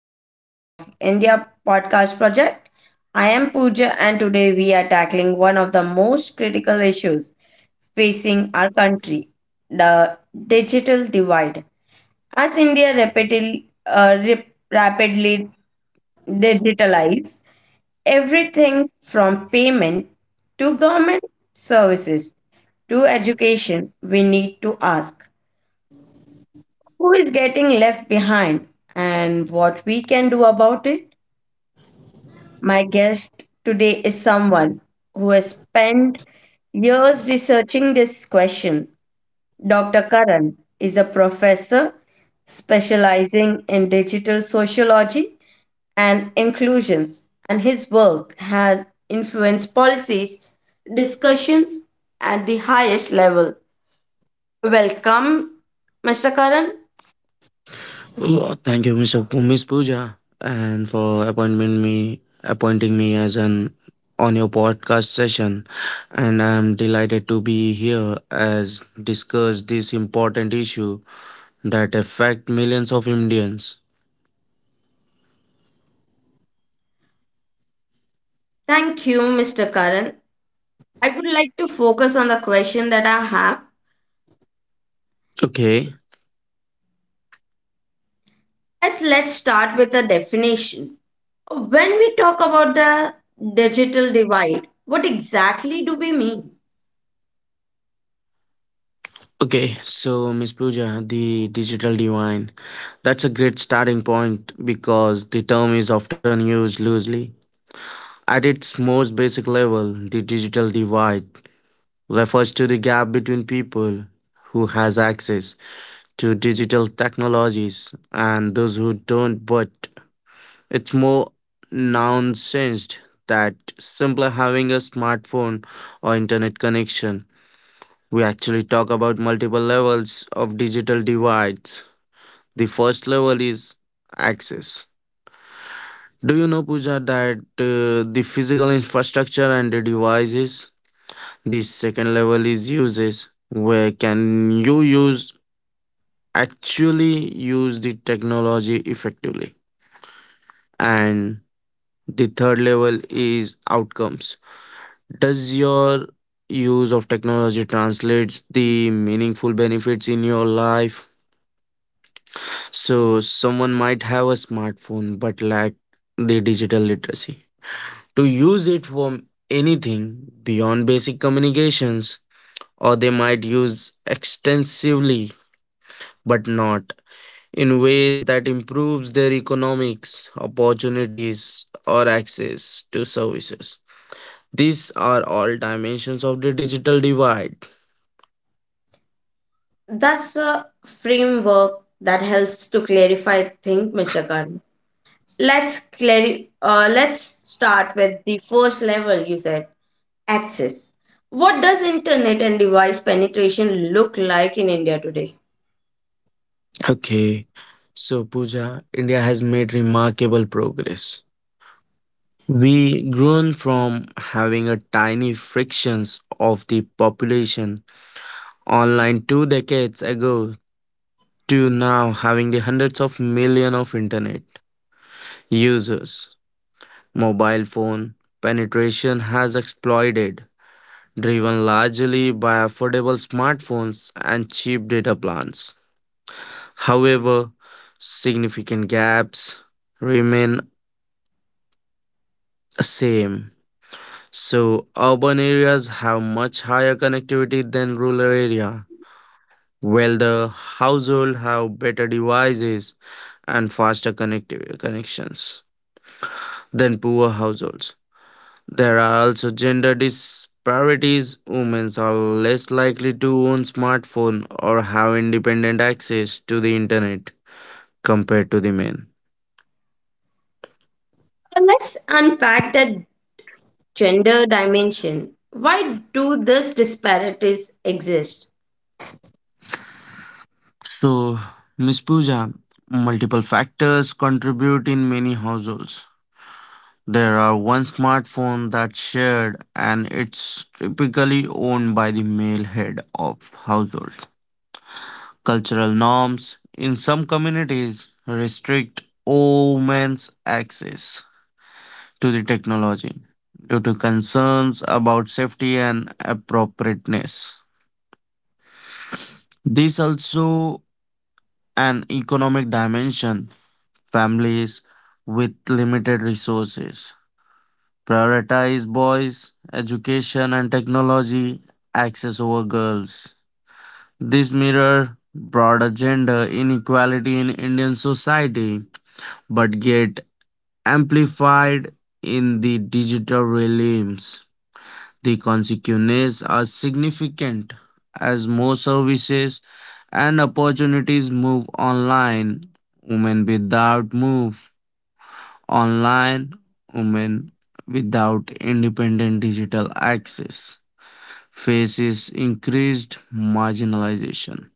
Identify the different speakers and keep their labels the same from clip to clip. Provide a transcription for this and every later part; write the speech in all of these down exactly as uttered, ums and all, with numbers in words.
Speaker 1: part of India Podcast Project. I am Pooja and today we are tackling one of the most critical issues facing our country, the digital divide. As India rapidly, uh, rip, rapidly digitalizes everything from payment to government services to education, we need to ask who is getting left behind and what we can do about it? My guest today is someone who has spent years researching this question. Doctor Karan is a professor specializing in digital sociology and inclusions, and his work has influenced policies, discussions at the highest level. Welcome, Mister Karan.
Speaker 2: Oh, thank you, Miss, Apu- Miss Pooja, and for appointment me appointing me as an on your podcast session. And I am delighted to be here as discuss this important issue that affect millions of Indians.
Speaker 1: Thank you, Mister Karan, I would like to focus on the question that I have.
Speaker 2: Okay.
Speaker 1: As Let's start with the definition. When we talk about the digital divide, what exactly do we mean?
Speaker 2: Okay, so Miss Pooja, the digital divine. That's a great starting point because the term is often used loosely. At its most basic level, the digital divide refers to the gap between people who has access to digital technologies and those who don't, but it's more nonsensed that simply having a smartphone or internet connection. We actually talk about multiple levels of digital divides. The first level is access. Do you know, Puja, that uh, the physical infrastructure and the devices. The second level is uses, where can you use actually use the technology effectively. And the third level is outcomes. Does your use of technology translates the meaningful benefits in your life? So someone might have a smartphone but lack the digital literacy to use it for anything beyond basic communications, or they might use extensively but not in ways that improves their economics, opportunities, or access to services. These are all dimensions of the digital divide.
Speaker 1: That's a framework that helps to clarify things, Mister Karan. Let's clari- uh, let's start with the first level you said, access. What does internet and device penetration look like in India today?
Speaker 2: Okay, so Pooja, India has made remarkable progress. We grown from having a tiny fractions of the population online two decades ago to now having the hundreds of million of internet users. Mobile phone penetration has exploded, driven largely by affordable smartphones and cheap data plans. However, significant gaps remain the same. So urban areas have much higher connectivity than rural area, while the household have better devices and faster connecti- connections than poor households. There are also gender disparities. Women are less likely to own smartphone or have independent access to the internet compared to the men.
Speaker 1: Uh, Let's unpack that gender dimension. Why do these disparities exist?
Speaker 2: So, Miss Pooja, multiple factors contribute in many households. There are one smartphone that's shared and it's typically owned by the male head of household. Cultural norms in some communities restrict women's access to the technology due to concerns about safety and appropriateness. This also an economic dimension. Families with limited resources prioritize boys, education and technology access over girls. This mirror broader gender inequality in Indian society but get amplified in the digital realms. The consequences are significant as more services and opportunities move online. Women without move online, women without independent digital access faces increased marginalization.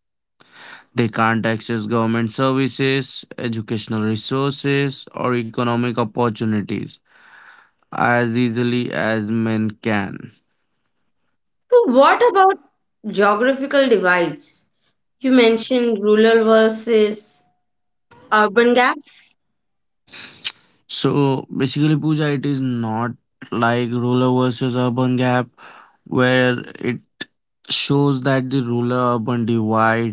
Speaker 2: They can't access government services, educational resources, or economic opportunities as easily as men can.
Speaker 1: So, what about geographical divides? You mentioned rural versus urban gaps.
Speaker 2: So basically, Pooja, it is not like rural versus urban gap where it shows that the rural urban divide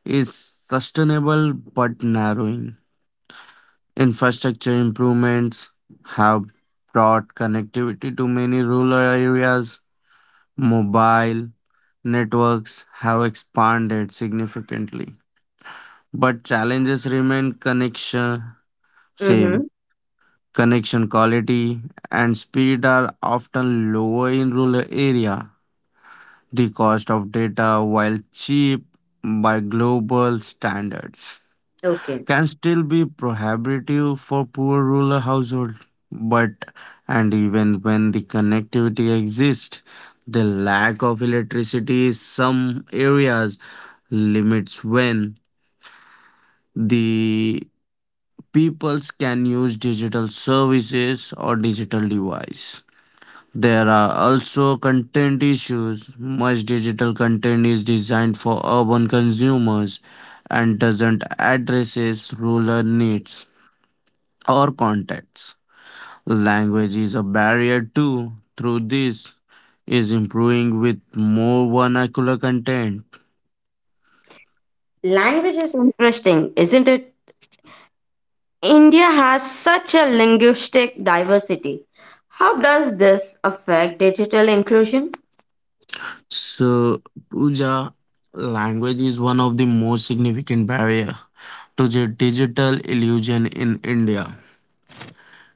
Speaker 2: is sustainable but narrowing. Infrastructure improvements have brought connectivity to many rural areas. Mobile networks have expanded significantly, but challenges remain connection same.
Speaker 1: Mm-hmm.
Speaker 2: Connection quality and speed are often lower in rural area. The cost of data, while cheap by global standards,
Speaker 1: Okay.
Speaker 2: can still be prohibitive for poor rural households. But and even when the connectivity exists, the lack of electricity in some areas limits when the peoples can use digital services or digital device. There are also content issues. Much digital content is designed for urban consumers and doesn't addresses rural needs or contexts. Language is a barrier too. Through this is improving with more vernacular content.
Speaker 1: Language is interesting, isn't it? India has such a linguistic diversity. How does this affect digital inclusion?
Speaker 2: So, Pooja, language is one of the most significant barrier to the digital illusion in India.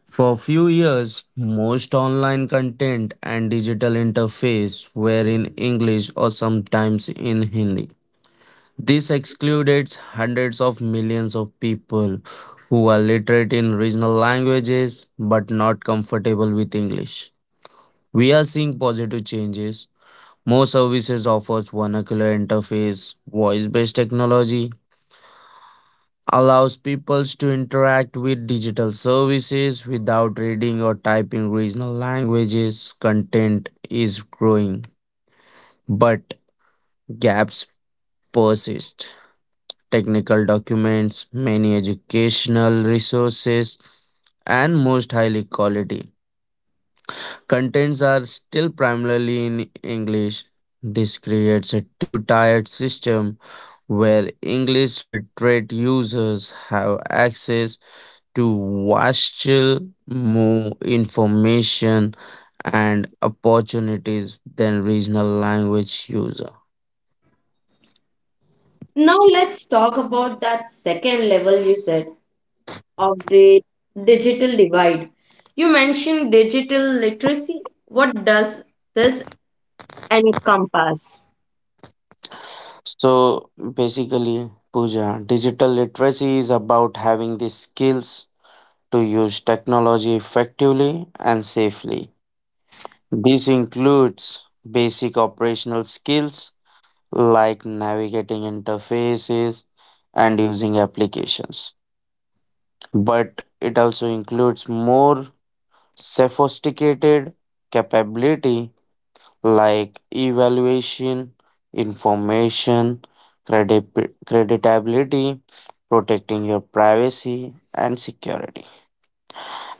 Speaker 2: For a few years, most online content and digital interface were in English or sometimes in Hindi. This excluded hundreds of millions of people who are literate in regional languages but not comfortable with English. We are seeing positive changes. More services offers vernacular interface, voice-based technology, allows people to interact with digital services without reading or typing regional languages. Content is growing, but gaps persist. Technical documents, many educational resources, and most highly quality contents are still primarily in English. This creates a two tiered system where English literate users have access to watch more information and opportunities than regional language user.
Speaker 1: Now, let's talk about that second level you said of the digital divide. You mentioned digital literacy. What does this encompass?
Speaker 2: So basically, Pooja, digital literacy is about having the skills to use technology effectively and safely. This includes basic operational skills like navigating interfaces and using applications, but it also includes more sophisticated capability like evaluation, information, credit- creditability, protecting your privacy and security,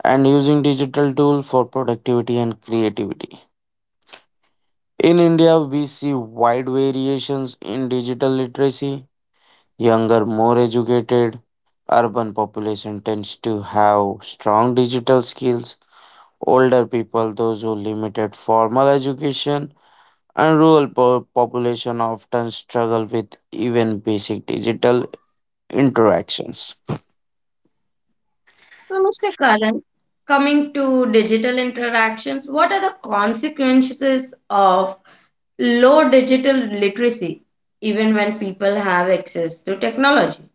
Speaker 2: and using digital tools for productivity and creativity. In India, we see wide variations in digital literacy. Younger, more educated, urban population tends to have strong digital skills. Older people, those who limited formal education, and rural po- population often struggle with even basic digital interactions.
Speaker 1: So, Mister Karan, coming to digital interactions, what are the consequences of low digital literacy, even when people have access to technology?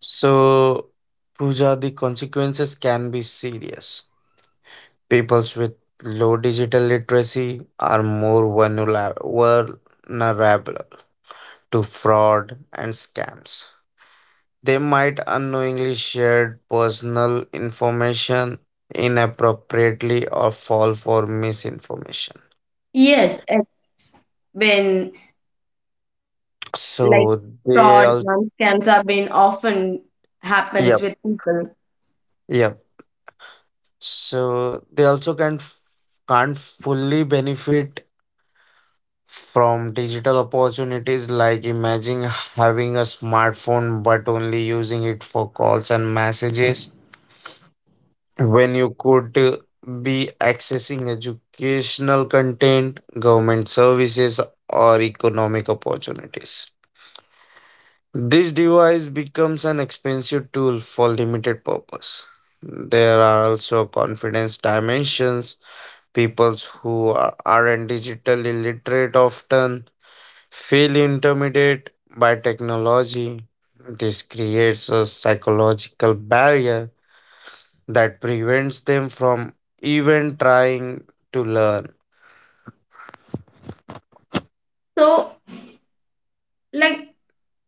Speaker 2: So, Pooja, the consequences can be serious. Peoples with low digital literacy are more vulnerable vulnerable to fraud and scams. They might unknowingly share personal information inappropriately or fall for misinformation.
Speaker 1: Yes, it's been like
Speaker 2: So they
Speaker 1: fraud
Speaker 2: all
Speaker 1: and scams have been often happens
Speaker 2: yep,
Speaker 1: with people.
Speaker 2: yep. So they also can't f- can't fully benefit from digital opportunities, like imagine having a smartphone but only using it for calls and messages when you could uh, be accessing educational content, government services, or economic opportunities. This device becomes an expensive tool for limited purpose. There are also confidence dimensions. People who are, aren't digitally literate often feel intimidated by technology. This creates a psychological barrier that prevents them from even trying to learn.
Speaker 1: So, like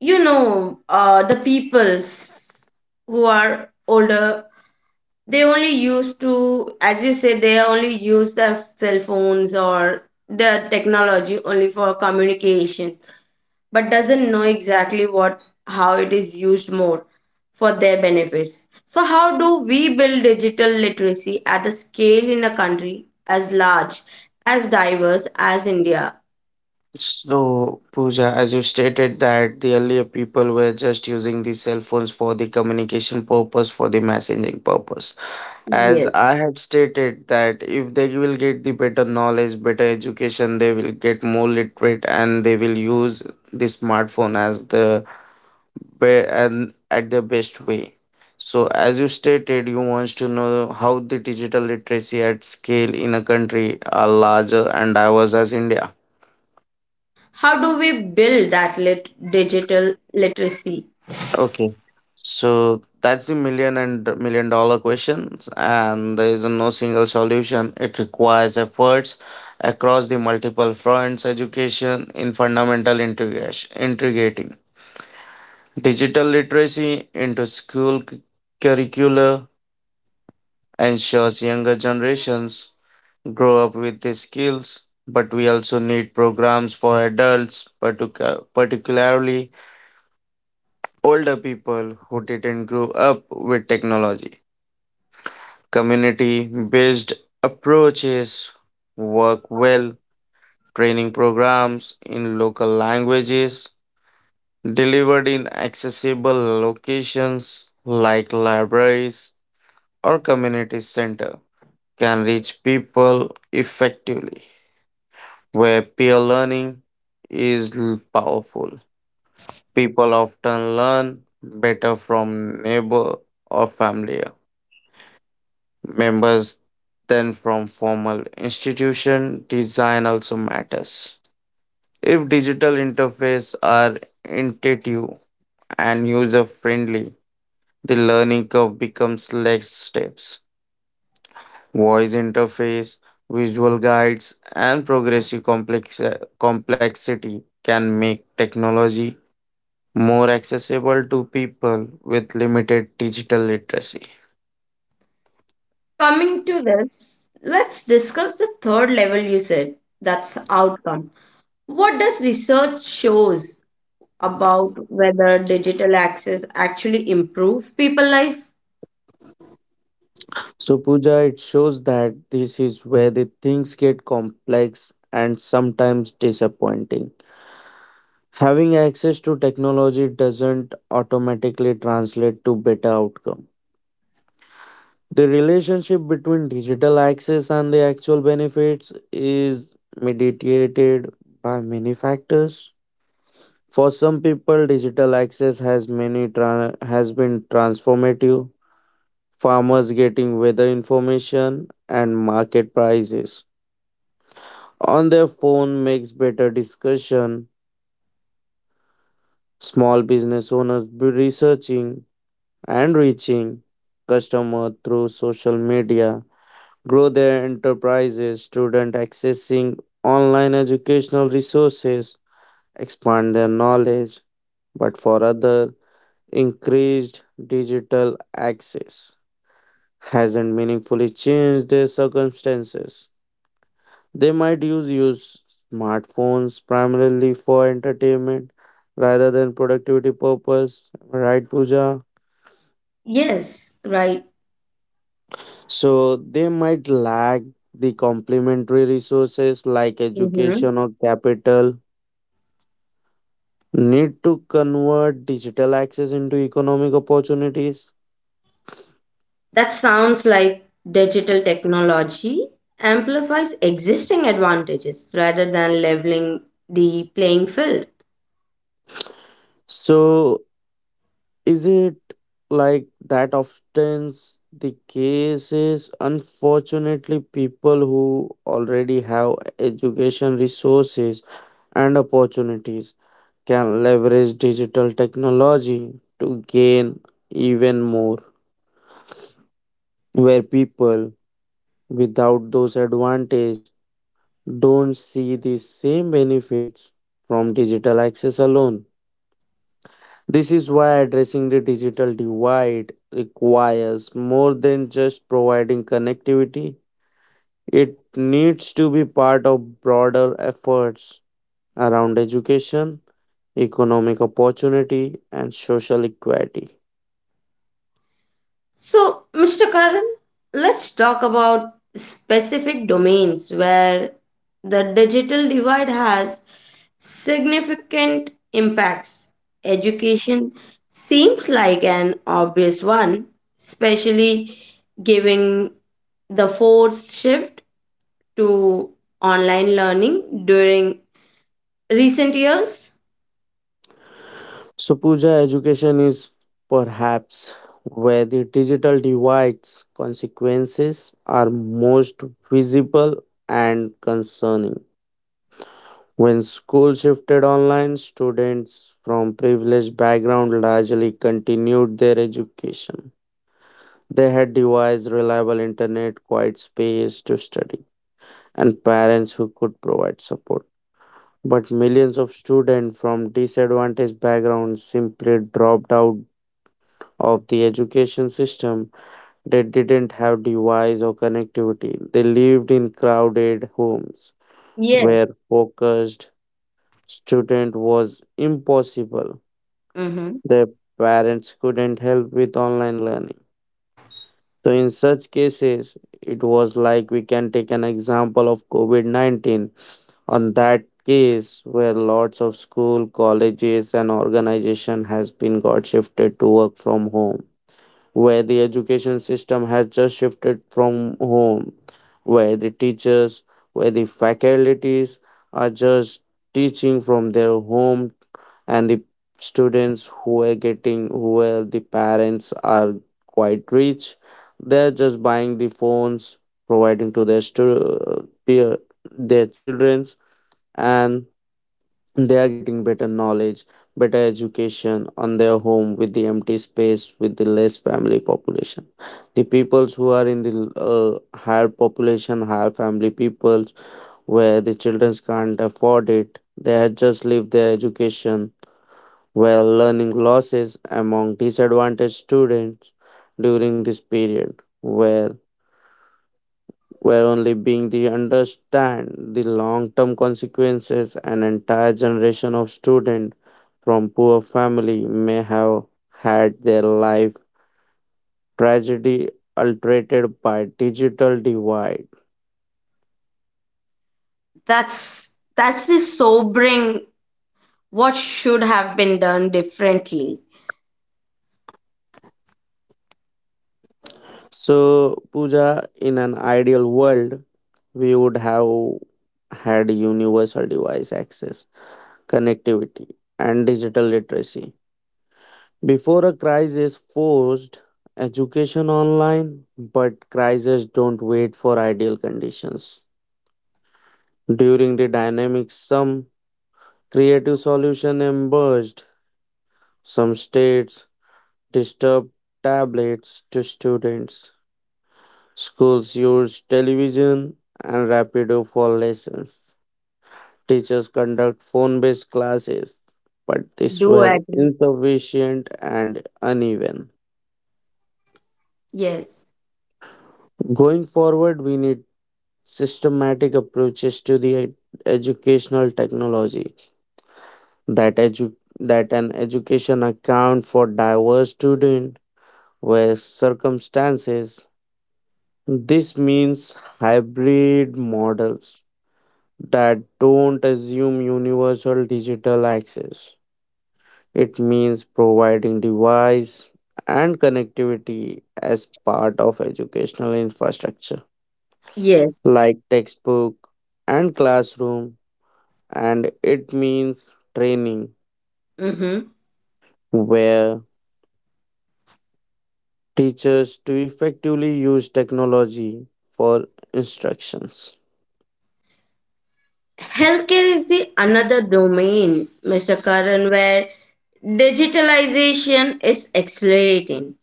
Speaker 1: you know uh, the peoples who are older, they only used to, as you say, they only use their cell phones or the technology only for communication but doesn't know exactly what how it is used more for their benefits. So how do we build digital literacy at the scale in a country as large as diverse as india?
Speaker 2: So, Pooja, as you stated that the earlier people were just using the cell phones for the communication purpose, for the messaging purpose. As I had stated that if they will get the better knowledge, better education, they will get more literate and they will use the smartphone as the be- and at the best way. So, as you stated, you wants to know how the digital literacy at scale in a country are larger and diverse as India.
Speaker 1: How do we build that lit- digital literacy?
Speaker 2: Okay. So that's the million and million dollar questions, and there is no single solution. It requires efforts across the multiple fronts, education in fundamental integration, integrating digital literacy into school cu- curricula ensures younger generations grow up with these skills, but we also need programs for adults, particu- particularly older people who didn't grow up with technology. Community based approaches work well, training programs in local languages delivered in accessible locations like libraries or community center can reach people effectively where peer learning is l- powerful. People often learn better from neighbor or family uh, members than from formal institution. Design also matters. If digital interfaces are intuitive and user friendly, the learning curve becomes less steps. Voice interface, visual guides, and progressive complex- complexity can make technology more accessible to people with limited digital literacy.
Speaker 1: Coming to this, let's discuss the third level you said. That's outcome. What does research shows about whether digital access actually improves people life?
Speaker 2: So, Pooja, it shows that this is where the things get complex and sometimes disappointing. Having access to technology doesn't automatically translate to better outcome. The relationship between digital access and the actual benefits is mediated by many factors. For some people, digital access has many tra- has been transformative. Farmers getting weather information and market prices on their phone makes better discussion. Small business owners be researching and reaching customer through social media, grow their enterprises, student accessing online educational resources, expand their knowledge, but for other increased digital access hasn't meaningfully changed their circumstances. They might use use smartphones primarily for entertainment rather than productivity purpose, right, Pooja?
Speaker 1: Yes, right.
Speaker 2: So they might lack the complementary resources like
Speaker 1: Mhm.
Speaker 2: education or capital. Need to convert digital access into economic opportunities.
Speaker 1: That sounds like digital technology amplifies existing advantages rather than leveling the playing field.
Speaker 2: So is it like that often the case is unfortunately people who already have education resources and opportunities can leverage digital technology to gain even more, where people without those advantages don't see the same benefits from digital access alone. This is why addressing the digital divide requires more than just providing connectivity. It needs to be part of broader efforts around education, economic opportunity, and social equality.
Speaker 1: So, Mister Karan, let's talk about specific domains where the digital divide has significant impacts. Education seems like an obvious one, especially given the forced shift to online learning during recent years.
Speaker 2: So, Pooja, education is perhaps where the digital divide's consequences are most visible and concerning. When school shifted online, students from privileged background largely continued their education. They had devised reliable internet, quiet space to study, and parents who could provide support. But millions of students from disadvantaged backgrounds simply dropped out of the education system. They didn't have device or connectivity. They lived in crowded homes
Speaker 1: Yes.
Speaker 2: where focused student was impossible.
Speaker 1: hmm
Speaker 2: Their parents couldn't help with online learning. So in such cases, it was like we can take an example of COVID nineteen. On that case where lots of school, colleges and organization has been got shifted to work from home, where the education system has just shifted from home, where the teachers, where the faculties are just teaching from their home and the students who are getting where the parents are quite rich, they're just buying the phones, providing to their stu- uh, peer, their children's, and they are getting better knowledge, better education on their home with the empty space with the less family population. The peoples who are in the uh, higher population, higher family peoples, where the children can't afford it, they had just leave their education, where learning losses among disadvantaged students during this period, where where only being the understand the long-term consequences, an entire generation of students from poor family may have had their life tragedy altered by digital divide.
Speaker 1: That's that's a sobering. What should have been done differently?
Speaker 2: So Pooja, in an ideal world, we would have had universal device access, connectivity, and digital literacy before a crisis forced education online, but crises don't wait for ideal conditions. During the dynamic, some creative solution emerged. Some states disturbed tablets to students. Schools used television and Rapido for lessons. Teachers conduct phone-based classes, but these
Speaker 1: Do
Speaker 2: were
Speaker 1: agree.
Speaker 2: insufficient and uneven.
Speaker 1: Yes.
Speaker 2: Going forward, we need systematic approaches to the ed- educational technology that edu- that an education account for diverse student with circumstances. This means hybrid models that don't assume universal digital access. It means providing device and connectivity as part of educational infrastructure,
Speaker 1: Yes.
Speaker 2: like textbook and classroom. And it means training
Speaker 1: Mm-hmm.
Speaker 2: where teachers to effectively use technology for instructions.
Speaker 1: Healthcare is the another domain, Mister Karan, where digitalization is accelerating.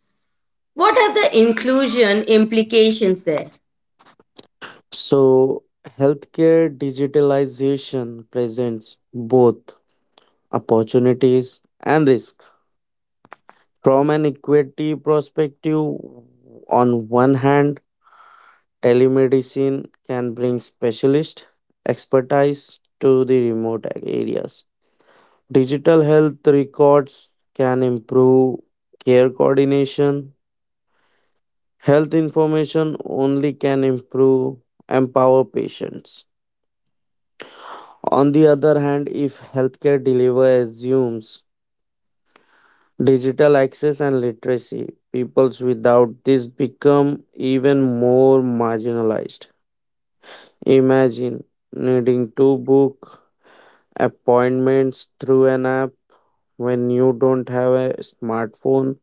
Speaker 1: What are the inclusion implications there?
Speaker 2: So, healthcare digitalization presents both opportunities and risk. From an equity perspective, on one hand, telemedicine can bring specialist expertise to the remote areas. Digital health records can improve care coordination. Health information only can improve empower patients. On the other hand, if healthcare delivery assumes digital access and literacy, peoples without this become even more marginalized. Imagine needing to book appointments through an app when you don't have a smartphone,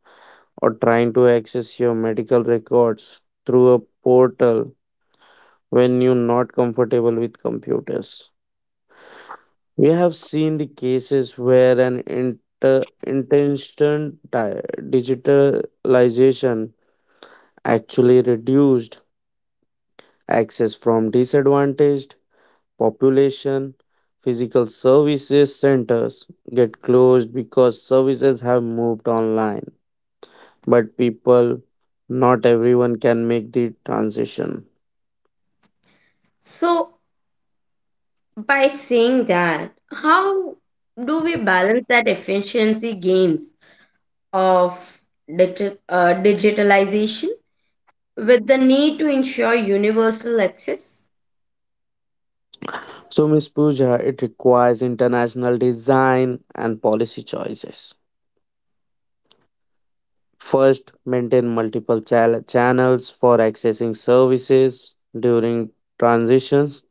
Speaker 2: or trying to access your medical records through a portal when you're not comfortable with computers. We have seen the cases where an inter- intention di- digitalization actually reduced access from disadvantaged population. Physical services centers get closed because services have moved online, but people, not everyone can make the transition.
Speaker 1: So, by saying that, how do we balance that efficiency gains of digi- uh, digitalization with the need to ensure universal access?
Speaker 2: So, Miss Pooja, it requires international design and policy choices. First, maintain multiple chal- channels for accessing services during transitions.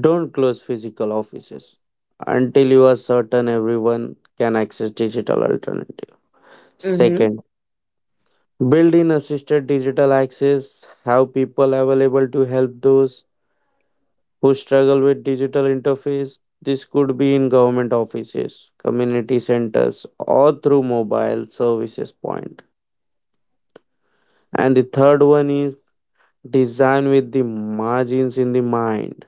Speaker 2: Don't close physical offices until you are certain everyone can access digital alternative.
Speaker 1: Mm-hmm.
Speaker 2: Second, build in assisted digital access. Have people available to help those who struggle with digital interface. This could be in government offices, community centers, or through mobile services point. And the third one is design with the margins in the mind.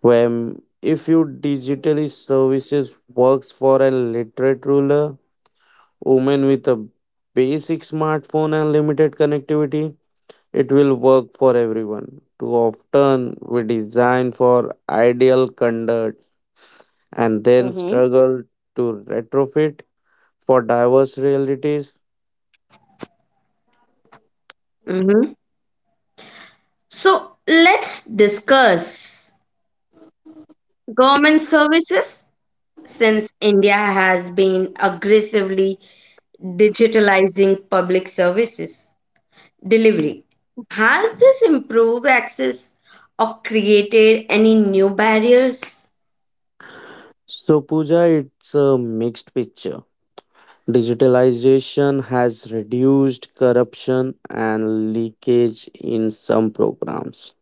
Speaker 2: When if you digitally services works for a literate ruler, woman with a basic smartphone and limited connectivity, it will work for everyone. Too often we design for ideal conduct and then
Speaker 1: Mm-hmm.
Speaker 2: struggle to retrofit for diverse realities.
Speaker 1: Mm-hmm. So let's discuss government services since India has been aggressively digitalizing public services delivery. Has this improved access or created any new barriers?
Speaker 2: So, Pooja, it's a mixed picture. Digitalization has reduced corruption and leakage in some programs.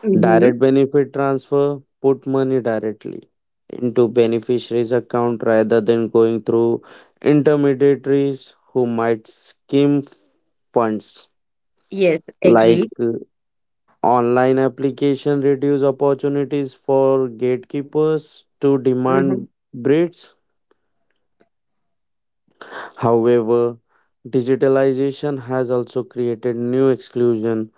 Speaker 1: Mhm.
Speaker 2: Direct benefit transfer put money directly into beneficiaries' account rather than going through intermediaries who might skim funds,
Speaker 1: Yes,
Speaker 2: like
Speaker 1: agreed.
Speaker 2: online application reduce opportunities for gatekeepers to
Speaker 1: Mhm.
Speaker 2: demand breeds. However, digitalization has also created new exclusion.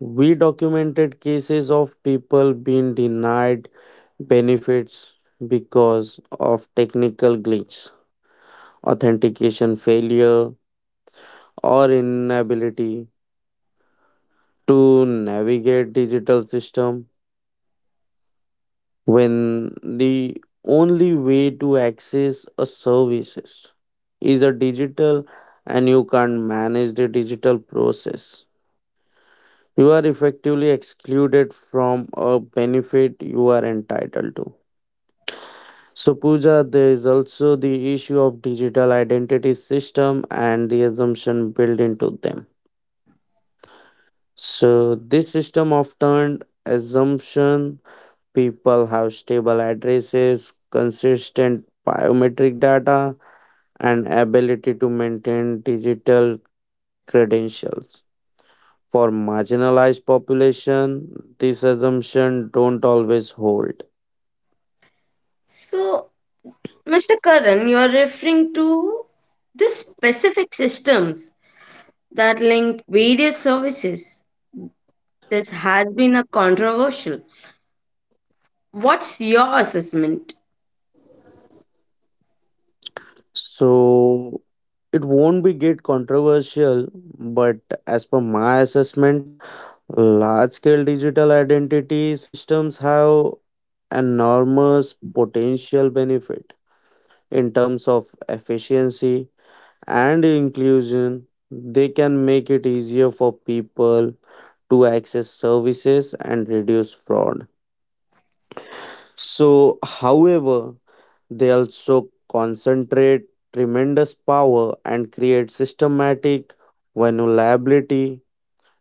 Speaker 2: We documented cases of people being denied benefits because of technical glitch, authentication failure, or inability to navigate digital system. When the only way to access a services is a digital and you can't manage the digital process, you are effectively excluded from a benefit you are entitled to. So Pooja, there is also the issue of digital identity system and the assumption built into them. So this system often assumption people have stable addresses, consistent biometric data, and ability to maintain digital credentials. For marginalized population, this assumption don't always hold.
Speaker 1: So, Mister Karan, you are referring to the specific systems that link various services. This has been a controversial. What's your assessment?
Speaker 2: So it won't be get controversial, but as per my assessment, large scale digital identity systems have enormous potential benefit in terms of efficiency and inclusion. They can make it easier for people to access services and reduce fraud. So, however, they also concentrate tremendous power and create systematic vulnerability.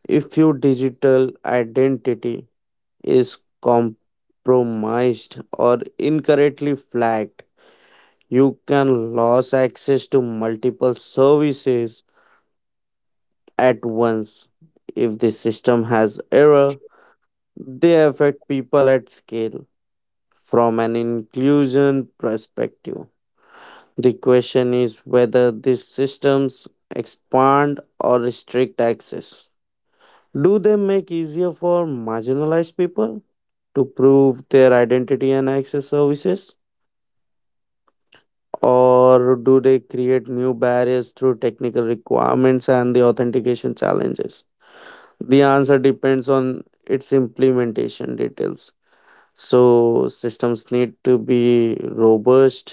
Speaker 2: If your digital identity is compromised or incorrectly flagged, you can lose access to multiple services at once. If the system has error, they affect people at scale from an inclusion perspective. The question is whether these systems expand or restrict access. Do they make easier for marginalized people to prove their identity and access services? Or do they create new barriers through technical requirements and the authentication challenges? The answer depends on its implementation details. So systems need to be robust,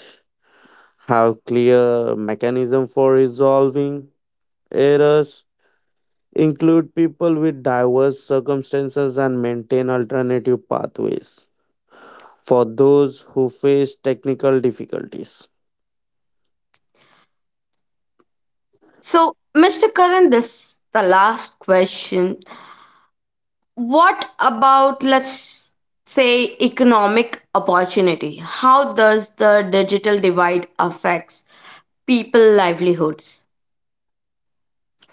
Speaker 2: have clear mechanism for resolving errors, include people with diverse circumstances and maintain alternative pathways for those who face technical difficulties.
Speaker 1: So, Mister Karan, this the last question. What about, let's say, economic opportunity? How does the digital divide affects people livelihoods?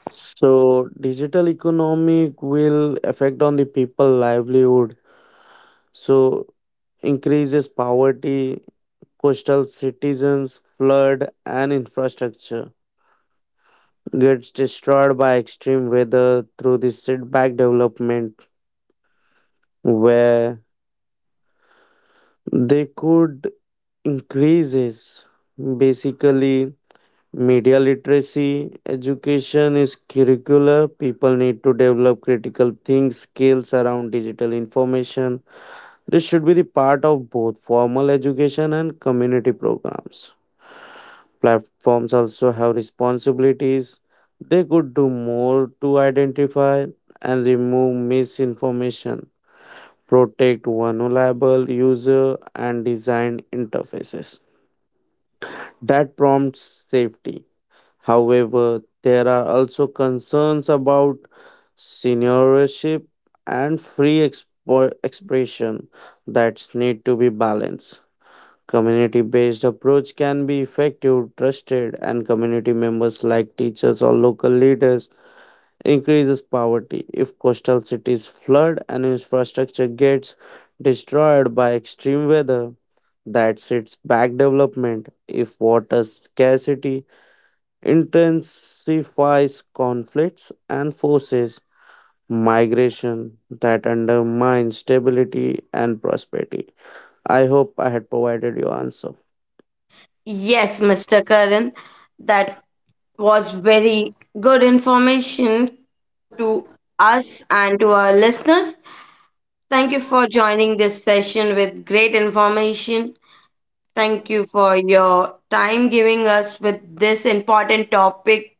Speaker 2: So digital economic will affect on the people livelihood, so increases poverty, coastal citizens flood and infrastructure gets destroyed by extreme weather through this setback development where they could increases. Basically, media literacy education is curricular. People need to develop critical think skills around digital information. This should be the part of both formal education and community programs. Platforms also have responsibilities. They could do more to identify and remove misinformation, protect vulnerable user and design interfaces that prompts safety. However, there are also concerns about seniorship and free expo- expression that need to be balanced. Community based approach can be effective, trusted, and community members like teachers or local leaders increases poverty. If coastal cities flood and infrastructure gets destroyed by extreme weather, that sets back development. If water scarcity intensifies conflicts and forces migration, that undermines stability and prosperity. I hope I had provided you answer.
Speaker 1: Yes, Mister Karan, that was very good information to us and to our listeners. Thank you for joining this session with great information. Thank you for your time giving us with this important topic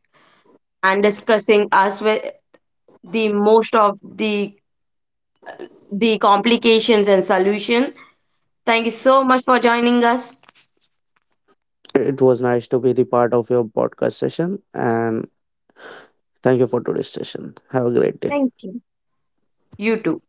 Speaker 1: and discussing us with the most of the the complications and solution. Thank you so much for joining us.
Speaker 2: It was nice to be the part of your podcast session, and thank you for today's session. Have a great day.
Speaker 1: Thank you. You too.